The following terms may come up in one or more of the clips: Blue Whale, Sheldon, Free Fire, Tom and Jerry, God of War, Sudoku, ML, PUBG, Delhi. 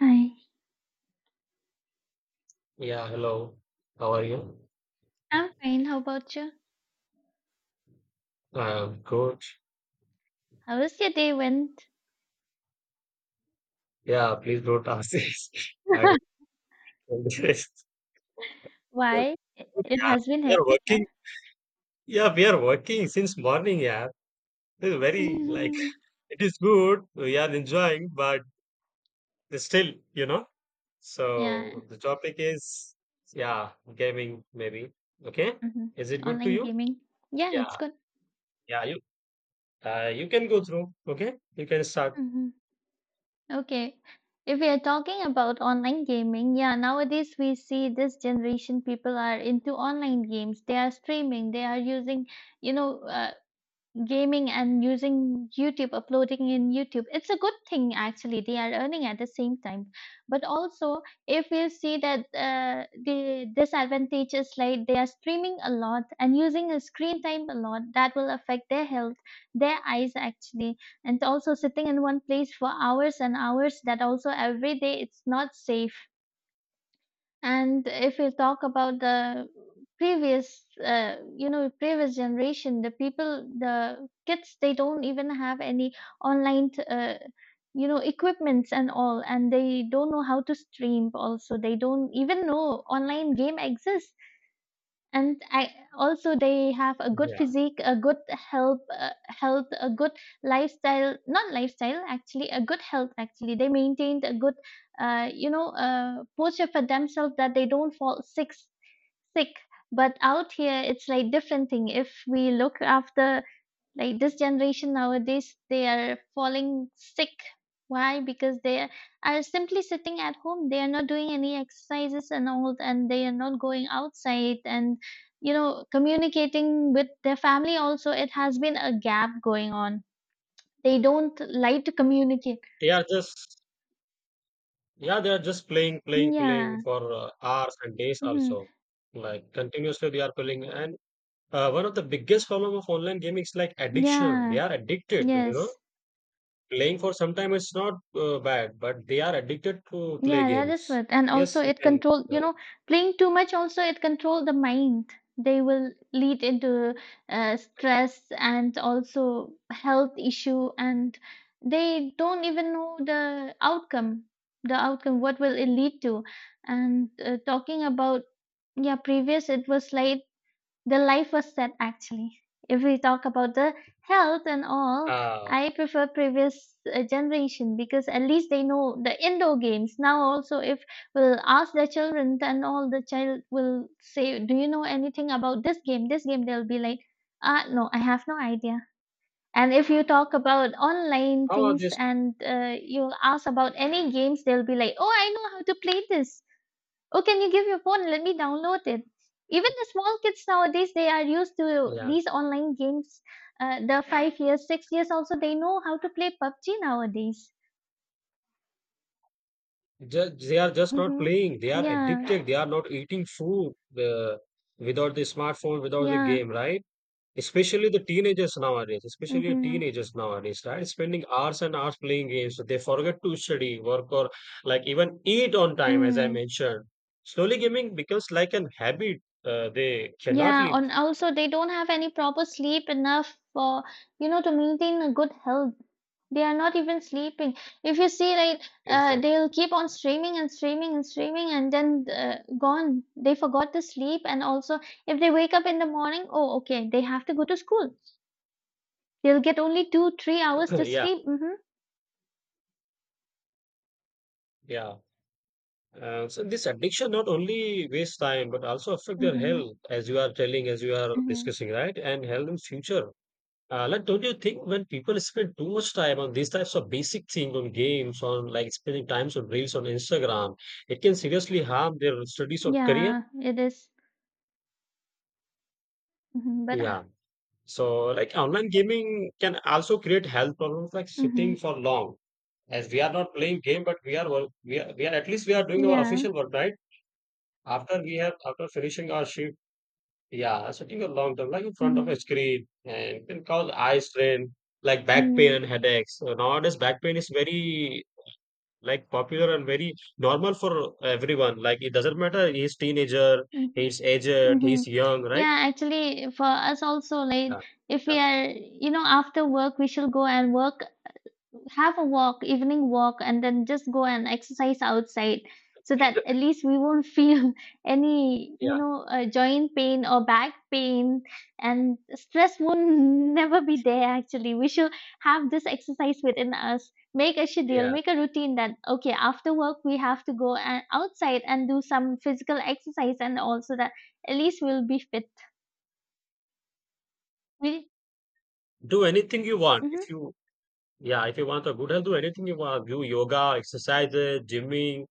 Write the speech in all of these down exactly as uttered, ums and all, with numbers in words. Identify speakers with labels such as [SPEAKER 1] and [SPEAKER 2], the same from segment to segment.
[SPEAKER 1] Hi,
[SPEAKER 2] Yeah, hello. How are you?
[SPEAKER 1] I'm fine. How about you?
[SPEAKER 2] I'm good.
[SPEAKER 1] How was your day went?
[SPEAKER 2] Yeah, please don't ask this. I don't know this. Yeah,
[SPEAKER 1] Why? It, it has been
[SPEAKER 2] we are
[SPEAKER 1] hectic, huh?
[SPEAKER 2] working. Yeah, we are working since morning. Yeah, this is very like it is good. We are enjoying, but still, you know.
[SPEAKER 1] Yeah.
[SPEAKER 2] So the topic is yeah, gaming maybe. Okay,
[SPEAKER 1] Hmm.
[SPEAKER 2] is it good to
[SPEAKER 1] Online
[SPEAKER 2] you?
[SPEAKER 1] gaming. Yeah,
[SPEAKER 2] Yeah,
[SPEAKER 1] it's good.
[SPEAKER 2] yeah. You uh, you can go through. Okay, you can start.
[SPEAKER 1] Hmm. Okay. If we are talking about online gaming, yeah, nowadays we see this generation people are into online games. They are streaming. They are using, you know, uh, gaming and using YouTube, uploading in YouTube. It's a good thing actually. They are earning at the same time. But also, if you see that uh, the disadvantage is like they are streaming a lot and using a screen time a lot, that will affect their health, their eyes actually, and also sitting in one place for hours and hours. That also every day it's not safe. And if we talk about the previous, uh, you know, previous generation, the people, the kids, they don't even have any online, t- uh, you know, equipments and all, and they don't know how to stream. Also, they don't even know online game exists and I also they have a good
[SPEAKER 2] Yeah,
[SPEAKER 1] physique, a good health, uh, health, a good lifestyle. Not lifestyle, actually, a good health. Actually, they maintained a good, uh, you know, uh, posture for themselves that they don't fall sick. Sick, but out here it's like different thing. If we look after like this generation nowadays they are falling sick why because they are simply sitting at home, they are not doing any exercises and all, and they are not going outside and you know communicating with their family. Also it has been a gap going on. They don't like to communicate.
[SPEAKER 2] they are just Yeah, they are just playing, playing, playing
[SPEAKER 1] Yeah.
[SPEAKER 2] for uh, hours and days
[SPEAKER 1] Hmm.
[SPEAKER 2] also. Like continuously they are playing. And uh, one of the biggest problem of online gaming is like addiction. They
[SPEAKER 1] Yeah.
[SPEAKER 2] are addicted, you know.
[SPEAKER 1] Yes.
[SPEAKER 2] Playing for some time is not uh, bad, but they are addicted to play
[SPEAKER 1] Yeah, that is
[SPEAKER 2] games.
[SPEAKER 1] what. And also
[SPEAKER 2] Yes, you
[SPEAKER 1] it
[SPEAKER 2] can.
[SPEAKER 1] control,
[SPEAKER 2] Uh,
[SPEAKER 1] you know, Playing too much also it control the mind. They will lead into uh, stress and also health issue and they don't even know the outcome, the outcome, what will it lead to. And uh, talking about, yeah, previous it was like the life was set actually. If we talk about the health and all,
[SPEAKER 2] uh,
[SPEAKER 1] I prefer previous uh, generation because at least they know the indoor games. Now also, if we'll ask the children, then all the child will say, "Do you know anything about this game? This game?" They'll be like, "Ah, no, I have no idea." And if you talk about online
[SPEAKER 2] how are
[SPEAKER 1] things
[SPEAKER 2] this?
[SPEAKER 1] and uh, you'll ask about any games, they'll be like, "Oh, I know how to play this." Oh, can you give your phone? Let me download it. Even the small kids nowadays, they are used to
[SPEAKER 2] Yeah,
[SPEAKER 1] these online games. Uh, the five years, six years also, they know how to play PUBG nowadays.
[SPEAKER 2] just, they are just not
[SPEAKER 1] Mm-hmm.
[SPEAKER 2] playing. They are
[SPEAKER 1] Yeah,
[SPEAKER 2] addicted. They are not eating food uh, without the smartphone, without the
[SPEAKER 1] yeah.
[SPEAKER 2] game, right? Especially the teenagers nowadays, especially
[SPEAKER 1] Mm-hmm.
[SPEAKER 2] teenagers nowadays, right? Spending hours and hours playing games. They forget to study, work, or like even eat on time, as I
[SPEAKER 1] Mm.
[SPEAKER 2] mentioned. Slowly gaming becomes like an habit. Uh, they cannot
[SPEAKER 1] Yeah,
[SPEAKER 2] leave.
[SPEAKER 1] and also they don't have any proper sleep enough for, you know, to maintain a good health. They are not even sleeping. If you see, like, uh,
[SPEAKER 2] Exactly.
[SPEAKER 1] they'll keep on streaming and streaming and streaming, and then uh, gone. They forgot to sleep. And also, if they wake up in the morning, oh, okay, they have to go to school. They'll get only two, three hours to
[SPEAKER 2] Yeah,
[SPEAKER 1] sleep. Mm-hmm.
[SPEAKER 2] yeah. Uh, so this addiction not only wastes time, but also affect their
[SPEAKER 1] Mm-hmm.
[SPEAKER 2] health, as you are telling, as you are
[SPEAKER 1] Mm-hmm.
[SPEAKER 2] discussing, right? And health in future. Uh, Like don't you think when people spend too much time on these types of basic things, on games, on like spending times on reels on Instagram, it can seriously harm their studies or career?
[SPEAKER 1] Yeah, it is. Mm-hmm. But, uh,
[SPEAKER 2] Yeah. So like online gaming can also create health problems like sitting
[SPEAKER 1] mm-hmm.
[SPEAKER 2] for long. As we are not playing game, but we are work, we are, we are at least we are doing our
[SPEAKER 1] Yeah.
[SPEAKER 2] official work, right? After we have after finishing our shift, yeah, sitting a long time like in front of a
[SPEAKER 1] Mm-hmm.
[SPEAKER 2] screen and can cause eye strain, like back pain
[SPEAKER 1] Mm-hmm.
[SPEAKER 2] and headaches. So nowadays, back pain is very like popular and very normal for everyone. Like it doesn't matter he's teenager,
[SPEAKER 1] Mm-hmm.
[SPEAKER 2] he's aged,
[SPEAKER 1] Mm-hmm.
[SPEAKER 2] he's young, right?
[SPEAKER 1] Yeah, actually, for us also, like
[SPEAKER 2] Yeah,
[SPEAKER 1] if
[SPEAKER 2] yeah,
[SPEAKER 1] we are, you know, after work, we shall go and work, have a walk, evening walk, and then just go and exercise outside so that at least we won't feel any, you
[SPEAKER 2] yeah,
[SPEAKER 1] know, uh, joint pain or back pain, and stress won't never be there actually. We should have this exercise within us. Make a schedule,
[SPEAKER 2] yeah.
[SPEAKER 1] make a routine that, okay, after work, we have to go and outside and do some physical exercise and also that at least we'll be fit. We,
[SPEAKER 2] Do anything you want. If
[SPEAKER 1] mm-hmm,
[SPEAKER 2] you Yeah, if you want a good health, do anything you want. Do yoga, exercises, gymming.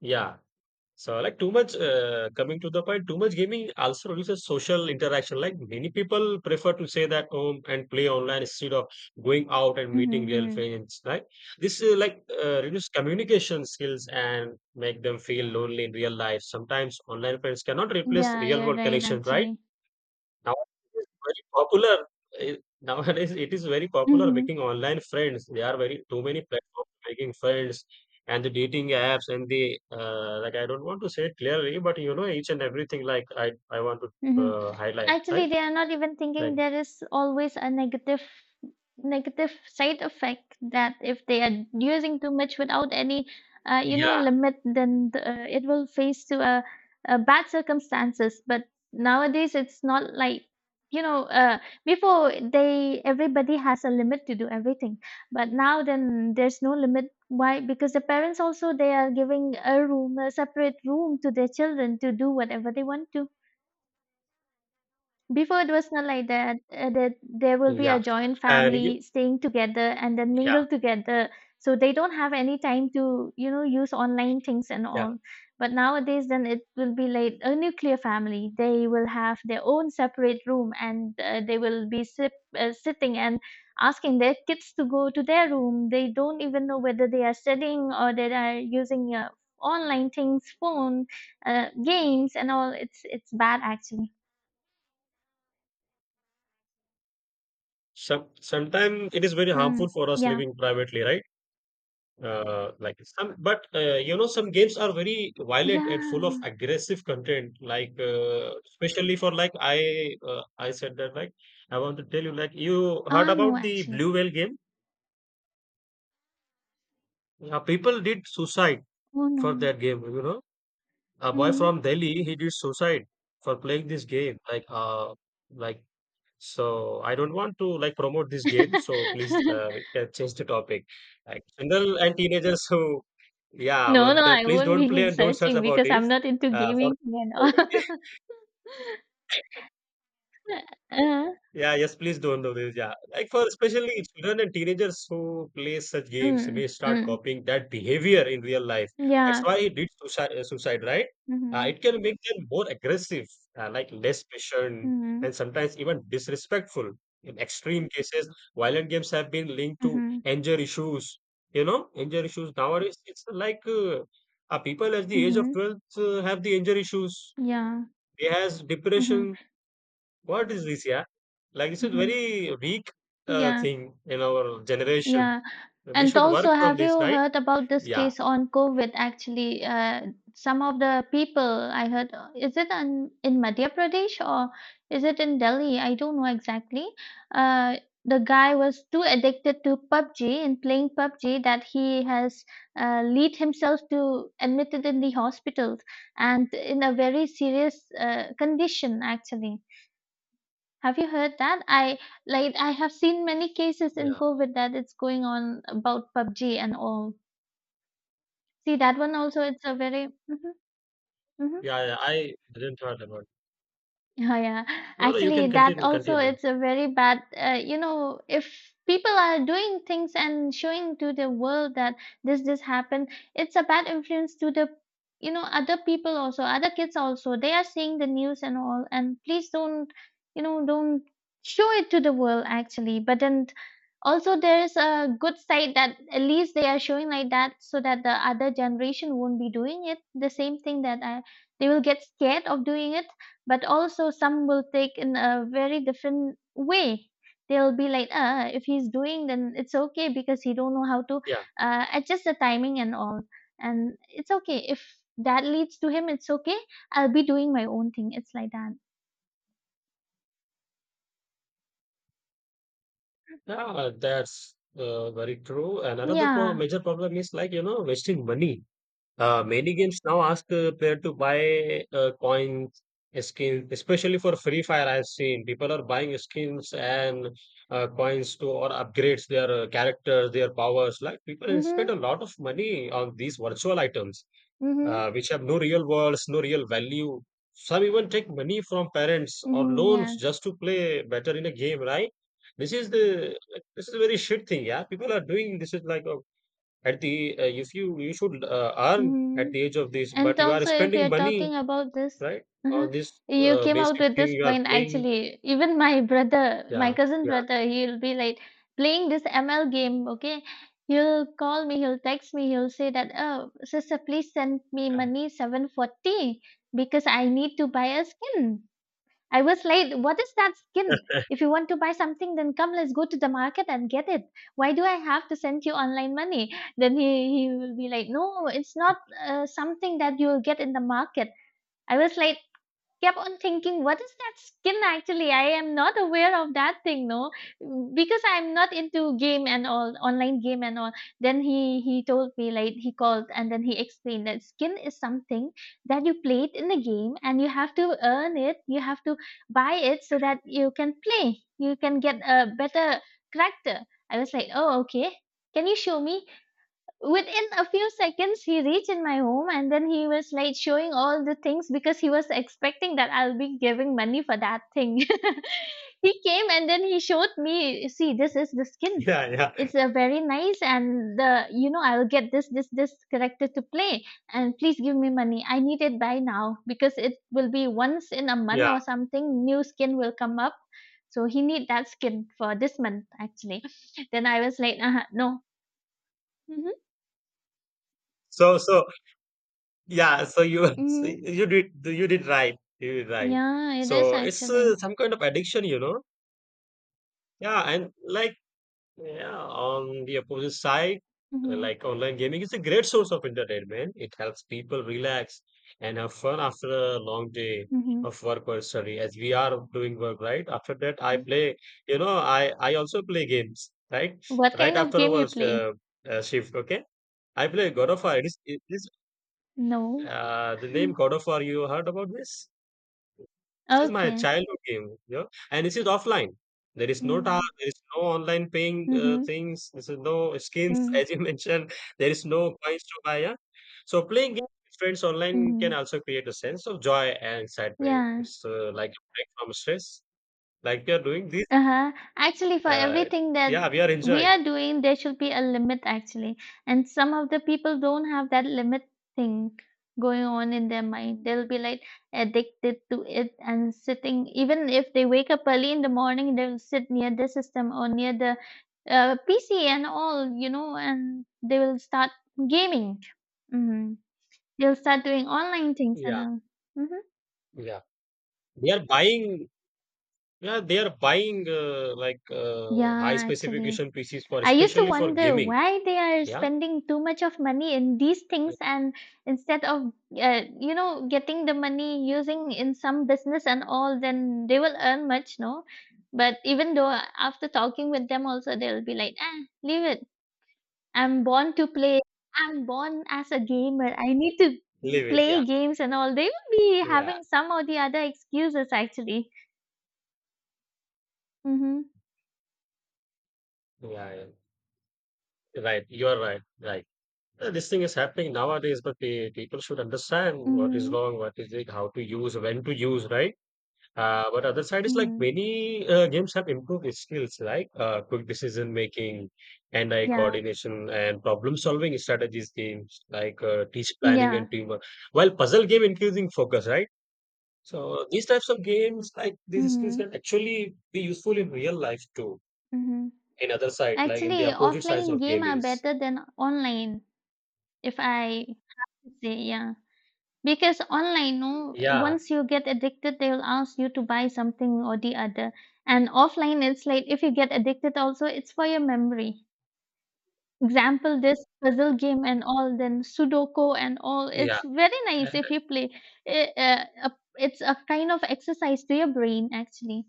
[SPEAKER 2] Yeah. So, like too much, uh, coming to the point, too much gaming also reduces social interaction. Like many people prefer to stay at home and play online instead of going out and
[SPEAKER 1] mm-hmm,
[SPEAKER 2] meeting real
[SPEAKER 1] mm-hmm.
[SPEAKER 2] friends. Right? This uh, like uh, reduce communication skills and make them feel lonely in real life. Sometimes online friends cannot replace
[SPEAKER 1] Yeah,
[SPEAKER 2] real
[SPEAKER 1] you're
[SPEAKER 2] world
[SPEAKER 1] right
[SPEAKER 2] connections. Right?
[SPEAKER 1] actually.
[SPEAKER 2] Now it is very popular. Eh, Nowadays, it is very popular
[SPEAKER 1] Mm-hmm,
[SPEAKER 2] making online friends. There are very too many platforms making friends and the dating apps and the uh, like. I don't want to say it clearly, but you know each and everything. Like I, I want to
[SPEAKER 1] mm-hmm.
[SPEAKER 2] uh, highlight, right?
[SPEAKER 1] Actually, they are not even thinking
[SPEAKER 2] Like
[SPEAKER 1] there is always a negative negative side effect that if they are using too much without any uh, you know
[SPEAKER 2] yeah,
[SPEAKER 1] limit, then the, uh, it will face to a, a bad circumstances, but nowadays it's not like you know uh, before. They everybody has a limit to do everything, but now then there's no limit. Why? Because the parents also they are giving a room a separate room to their children to do whatever they want to. Before it was not like that. Uh, that there will be
[SPEAKER 2] yeah,
[SPEAKER 1] a joint
[SPEAKER 2] and you,
[SPEAKER 1] family staying together and then
[SPEAKER 2] yeah,
[SPEAKER 1] mingle together. So they don't have any time to, you know, use online things and
[SPEAKER 2] yeah.
[SPEAKER 1] all. But nowadays, then it will be like a nuclear family. They will have their own separate room and uh, they will be sip, uh, sitting and asking their kids to go to their room. They don't even know whether they are studying or they are using uh, online things, phone, uh, games, and all. It's it's bad actually.
[SPEAKER 2] Some sometimes it is very
[SPEAKER 1] Hmm.
[SPEAKER 2] harmful for us
[SPEAKER 1] Yeah.
[SPEAKER 2] living privately, right? Uh, like some, but uh, you know, some games are very violent and full of
[SPEAKER 1] Yeah.
[SPEAKER 2] aggressive content. Like uh, especially for like I, uh, I said that like I want to tell you like you heard
[SPEAKER 1] Ah, no,
[SPEAKER 2] about the Blue
[SPEAKER 1] actually.
[SPEAKER 2] Whale game. Uh, people did suicide
[SPEAKER 1] Oh,
[SPEAKER 2] for
[SPEAKER 1] no.
[SPEAKER 2] that game. You know, a boy
[SPEAKER 1] Mm.
[SPEAKER 2] from Delhi he did suicide for playing this game. Like uh, like So I don't want to like promote this game. So please uh, we can change the topic. Like general and teenagers who, yeah,
[SPEAKER 1] No,
[SPEAKER 2] but
[SPEAKER 1] no,
[SPEAKER 2] the-
[SPEAKER 1] I
[SPEAKER 2] please
[SPEAKER 1] won't
[SPEAKER 2] don't
[SPEAKER 1] be
[SPEAKER 2] play and don't search
[SPEAKER 1] searching
[SPEAKER 2] about
[SPEAKER 1] because
[SPEAKER 2] it.
[SPEAKER 1] I'm not into
[SPEAKER 2] Uh, for
[SPEAKER 1] gaming and all. Uh,
[SPEAKER 2] Yeah, yes, please don't do this. Yeah. Like for especially children and teenagers who play such games
[SPEAKER 1] mm,
[SPEAKER 2] may start
[SPEAKER 1] mm.
[SPEAKER 2] copying that behavior in real life. That's
[SPEAKER 1] Yeah.
[SPEAKER 2] why it did suicide, uh, suicide right? Uh,
[SPEAKER 1] Mm-hmm.
[SPEAKER 2] it can make them more aggressive, uh, like less patient,
[SPEAKER 1] Mm-hmm.
[SPEAKER 2] and sometimes even disrespectful. In extreme cases, violent games have been linked to
[SPEAKER 1] Mm-hmm.
[SPEAKER 2] anger issues. You know, anger issues nowadays, it's like uh, uh, people at the age of
[SPEAKER 1] Mm-hmm.
[SPEAKER 2] twelve uh, have the anger issues.
[SPEAKER 1] Yeah.
[SPEAKER 2] They has
[SPEAKER 1] Mm-hmm.
[SPEAKER 2] depression what is this, yeah? Like this is
[SPEAKER 1] Mm-hmm.
[SPEAKER 2] very weak uh,
[SPEAKER 1] Yeah.
[SPEAKER 2] thing in our generation.
[SPEAKER 1] Yeah.
[SPEAKER 2] We
[SPEAKER 1] And
[SPEAKER 2] should work
[SPEAKER 1] also,
[SPEAKER 2] on
[SPEAKER 1] have
[SPEAKER 2] this,
[SPEAKER 1] you
[SPEAKER 2] right?
[SPEAKER 1] heard about this
[SPEAKER 2] Yeah,
[SPEAKER 1] case on COVID? Actually, uh, some of the people I heard, uh, is it on, in Madhya Pradesh or is it in Delhi? I don't know exactly. Uh, the guy was too addicted to PUBG and playing PUBG that he has uh, lead himself to admitted in the hospital and in a very serious uh, condition, actually. Have you heard that? I like I have seen many cases in
[SPEAKER 2] yeah,
[SPEAKER 1] COVID that it's going on about PUBG and all. See that one also. It's a very. Mhm, mhm.
[SPEAKER 2] yeah. Yeah. I didn't heard about.
[SPEAKER 1] Oh, yeah.
[SPEAKER 2] No, no. You can
[SPEAKER 1] Actually, that
[SPEAKER 2] continue.
[SPEAKER 1] also
[SPEAKER 2] Continue.
[SPEAKER 1] it's a very bad, uh, you know, if people are doing things and showing to the world that this this happened, it's a bad influence to the, you know, other people also, other kids also. They are seeing the news and all, and please don't, you know, don't show it to the world actually. But then also there's a good side that at least they are showing like that so that the other generation won't be doing it the same thing. That I they will get scared of doing it, but also some will take in a very different way. They'll be like ah ah, if he's doing then it's okay because he don't know how to
[SPEAKER 2] Yeah,
[SPEAKER 1] uh, adjust the timing and all, and it's okay if that leads to him. It's okay. I'll be doing my own thing. It's like that.
[SPEAKER 2] yeah. That's uh, very true. And another pro-
[SPEAKER 1] Yeah.
[SPEAKER 2] major problem is like you know wasting money. Uh, many games now ask a player to buy uh, coins, skins, especially for Free Fire. I've seen people are buying skins and uh, coins to or upgrades their uh, characters, their powers. Like people
[SPEAKER 1] Mhm.
[SPEAKER 2] spend a lot of money on these virtual items,
[SPEAKER 1] Mhm.
[SPEAKER 2] uh, which have no real worlds, no real value. Some even take money from parents or
[SPEAKER 1] Mhm. Yeah.
[SPEAKER 2] loans just to play better in a game, right? This is the like, this is a very shit thing, yeah. People are doing this is like a at the uh, if you you should uh, earn at
[SPEAKER 1] Mhm.
[SPEAKER 2] the age of this but
[SPEAKER 1] And
[SPEAKER 2] you are
[SPEAKER 1] also, if
[SPEAKER 2] spending
[SPEAKER 1] you're
[SPEAKER 2] money
[SPEAKER 1] talking about this,
[SPEAKER 2] right or
[SPEAKER 1] mhm,
[SPEAKER 2] this
[SPEAKER 1] you
[SPEAKER 2] uh,
[SPEAKER 1] came out
[SPEAKER 2] basic
[SPEAKER 1] with
[SPEAKER 2] thing
[SPEAKER 1] this
[SPEAKER 2] you are
[SPEAKER 1] point
[SPEAKER 2] playing
[SPEAKER 1] actually. Even my brother, my
[SPEAKER 2] yeah
[SPEAKER 1] cousin
[SPEAKER 2] yeah
[SPEAKER 1] brother, he'll be like playing this M L game, okay? He'll call me, he'll text me, he'll say that, oh, sister, please send me
[SPEAKER 2] yeah
[SPEAKER 1] money seven forty because I need to buy a skin. I was like, what is that skin? If you want to buy something, then come, let's go to the market and get it. Why do I have to send you online money? Then he, he will be like, no, it's not uh, something that you will get in the market. I was like, kept on thinking what is that skin actually. I am not aware of that thing, no, because I'm not into game and all, online game and all. Then he he told me like he called and then he explained that skin is something that you played in the game and you have to earn it, you have to buy it so that you can play, you can get a better character. I was like, oh, okay, can you show me? Within a few seconds he reached in my home and then he was like showing all the things because he was expecting that I'll be giving money for that thing. He came and then he showed me, see, this is the skin.
[SPEAKER 2] yeah yeah
[SPEAKER 1] It's a very nice and the you know I'll get this this this character to play, and please give me money, I need it by now because it will be once in a month
[SPEAKER 2] yeah
[SPEAKER 1] or something, new skin will come up. So he need that skin for this month actually. Then I was like uh no.
[SPEAKER 2] so so yeah so you so
[SPEAKER 1] Hmm.
[SPEAKER 2] you did you did right you did right
[SPEAKER 1] Yeah, it is
[SPEAKER 2] so it's uh,
[SPEAKER 1] actually.
[SPEAKER 2] some kind of addiction you know yeah and like Yeah, on the opposite side, uh,
[SPEAKER 1] Mhm.
[SPEAKER 2] like online gaming is a great source of entertainment. It helps people relax and have fun after a long day
[SPEAKER 1] Mhm.
[SPEAKER 2] of work or study, as we are doing work, right? After that, I play, you know, I, I also play games, right?
[SPEAKER 1] What
[SPEAKER 2] Right
[SPEAKER 1] kind of
[SPEAKER 2] after
[SPEAKER 1] game
[SPEAKER 2] our
[SPEAKER 1] you play?
[SPEAKER 2] uh, uh, shift, okay? I play God of War. It is, it is
[SPEAKER 1] No.
[SPEAKER 2] uh, the name God of War. You heard about this? This is my
[SPEAKER 1] Okay.
[SPEAKER 2] childhood game, you know, and this is offline. There is no tar,
[SPEAKER 1] Mm.
[SPEAKER 2] there is no online paying uh,
[SPEAKER 1] Mhm.
[SPEAKER 2] things. This is no skins,
[SPEAKER 1] Mm.
[SPEAKER 2] as you mentioned. There is no coins to buy. Yeah? So playing games with friends online can
[SPEAKER 1] Mhm.
[SPEAKER 2] also create a sense of joy and excitement.
[SPEAKER 1] Yeah.
[SPEAKER 2] It's uh, like a break from stress. Like we are doing this.
[SPEAKER 1] Uh-huh. Actually, for
[SPEAKER 2] Uh,
[SPEAKER 1] everything that
[SPEAKER 2] yeah, we are
[SPEAKER 1] we
[SPEAKER 2] enjoying.
[SPEAKER 1] are doing, there should be a limit, actually. And some of the people don't have that limit thing going on in their mind. They'll be like addicted to it and sitting, even if they wake up early in the morning, they'll sit near the system or near the uh, P C and all, you know, and they will start gaming. Hmm. They'll start doing online things and
[SPEAKER 2] Yeah,
[SPEAKER 1] all. Mm-hmm.
[SPEAKER 2] yeah. They are buying. Yeah, they are buying uh, like uh, high
[SPEAKER 1] Yeah, actually.
[SPEAKER 2] specification P Cs for
[SPEAKER 1] I used to
[SPEAKER 2] especially for
[SPEAKER 1] wonder
[SPEAKER 2] gaming.
[SPEAKER 1] why they are
[SPEAKER 2] Yeah,
[SPEAKER 1] spending too much of money in these things and instead of uh, you know getting the money using in some business and all, then they will earn much, no? But even though uh, after talking with them also, they'll be like, ah, leave it, I'm born to play, I'm born as a gamer, I need to
[SPEAKER 2] live it. Yeah,
[SPEAKER 1] play games and all. They will be
[SPEAKER 2] yeah.
[SPEAKER 1] having some or the other excuses actually. Mhm.
[SPEAKER 2] Yeah, yeah. Right. You are right. Right. Uh, This thing is happening nowadays, but pe- people should understand what is
[SPEAKER 1] Mhm.
[SPEAKER 2] wrong, what is it, how to use, when to use, right? Uh, but other side is like
[SPEAKER 1] Mhm.
[SPEAKER 2] many uh, games have improved its skills, like uh, quick decision making, and eye
[SPEAKER 1] Yeah.
[SPEAKER 2] coordination, and problem solving strategies games like uh, teach planning
[SPEAKER 1] Yeah.
[SPEAKER 2] and teamwork. While puzzle game increasing focus, right? So these types of games, like these skills,
[SPEAKER 1] Mhm,
[SPEAKER 2] can actually be useful in real life too.
[SPEAKER 1] mhm.
[SPEAKER 2] In other side, like in the
[SPEAKER 1] Actually,
[SPEAKER 2] opposite sides
[SPEAKER 1] offline
[SPEAKER 2] of
[SPEAKER 1] game are
[SPEAKER 2] gaming.
[SPEAKER 1] better than online, if I say, yeah. Because online, no,
[SPEAKER 2] Yeah,
[SPEAKER 1] once you get addicted, they'll ask you to buy something or the other. And offline, it's like if you get addicted also, it's for your memory. Example, this puzzle game and all, then Sudoku and all.
[SPEAKER 2] yeah.
[SPEAKER 1] It's very nice if you play. It, uh, a- it's a kind of exercise to your brain, actually.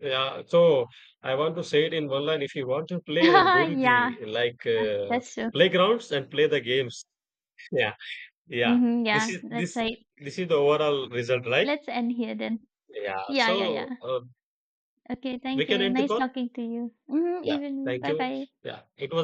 [SPEAKER 2] Yeah, so I want to say it in one line. If you want to play, then go to
[SPEAKER 1] Yeah,
[SPEAKER 2] the like uh,
[SPEAKER 1] that's true.
[SPEAKER 2] playgrounds and play the games. Yeah, yeah.
[SPEAKER 1] Hmm.
[SPEAKER 2] This
[SPEAKER 1] Yeah,
[SPEAKER 2] is
[SPEAKER 1] that's
[SPEAKER 2] this
[SPEAKER 1] right.
[SPEAKER 2] this is the overall result, right?
[SPEAKER 1] Let's end here then.
[SPEAKER 2] Yeah.
[SPEAKER 1] Yeah, yeah,
[SPEAKER 2] So
[SPEAKER 1] yeah.
[SPEAKER 2] uh,
[SPEAKER 1] Okay,
[SPEAKER 2] we
[SPEAKER 1] thank
[SPEAKER 2] can
[SPEAKER 1] you.
[SPEAKER 2] end the
[SPEAKER 1] Nice
[SPEAKER 2] call.
[SPEAKER 1] talking to you. Hmm.
[SPEAKER 2] Yeah.
[SPEAKER 1] Even
[SPEAKER 2] Thank
[SPEAKER 1] bye
[SPEAKER 2] you.
[SPEAKER 1] bye.
[SPEAKER 2] Yeah. It was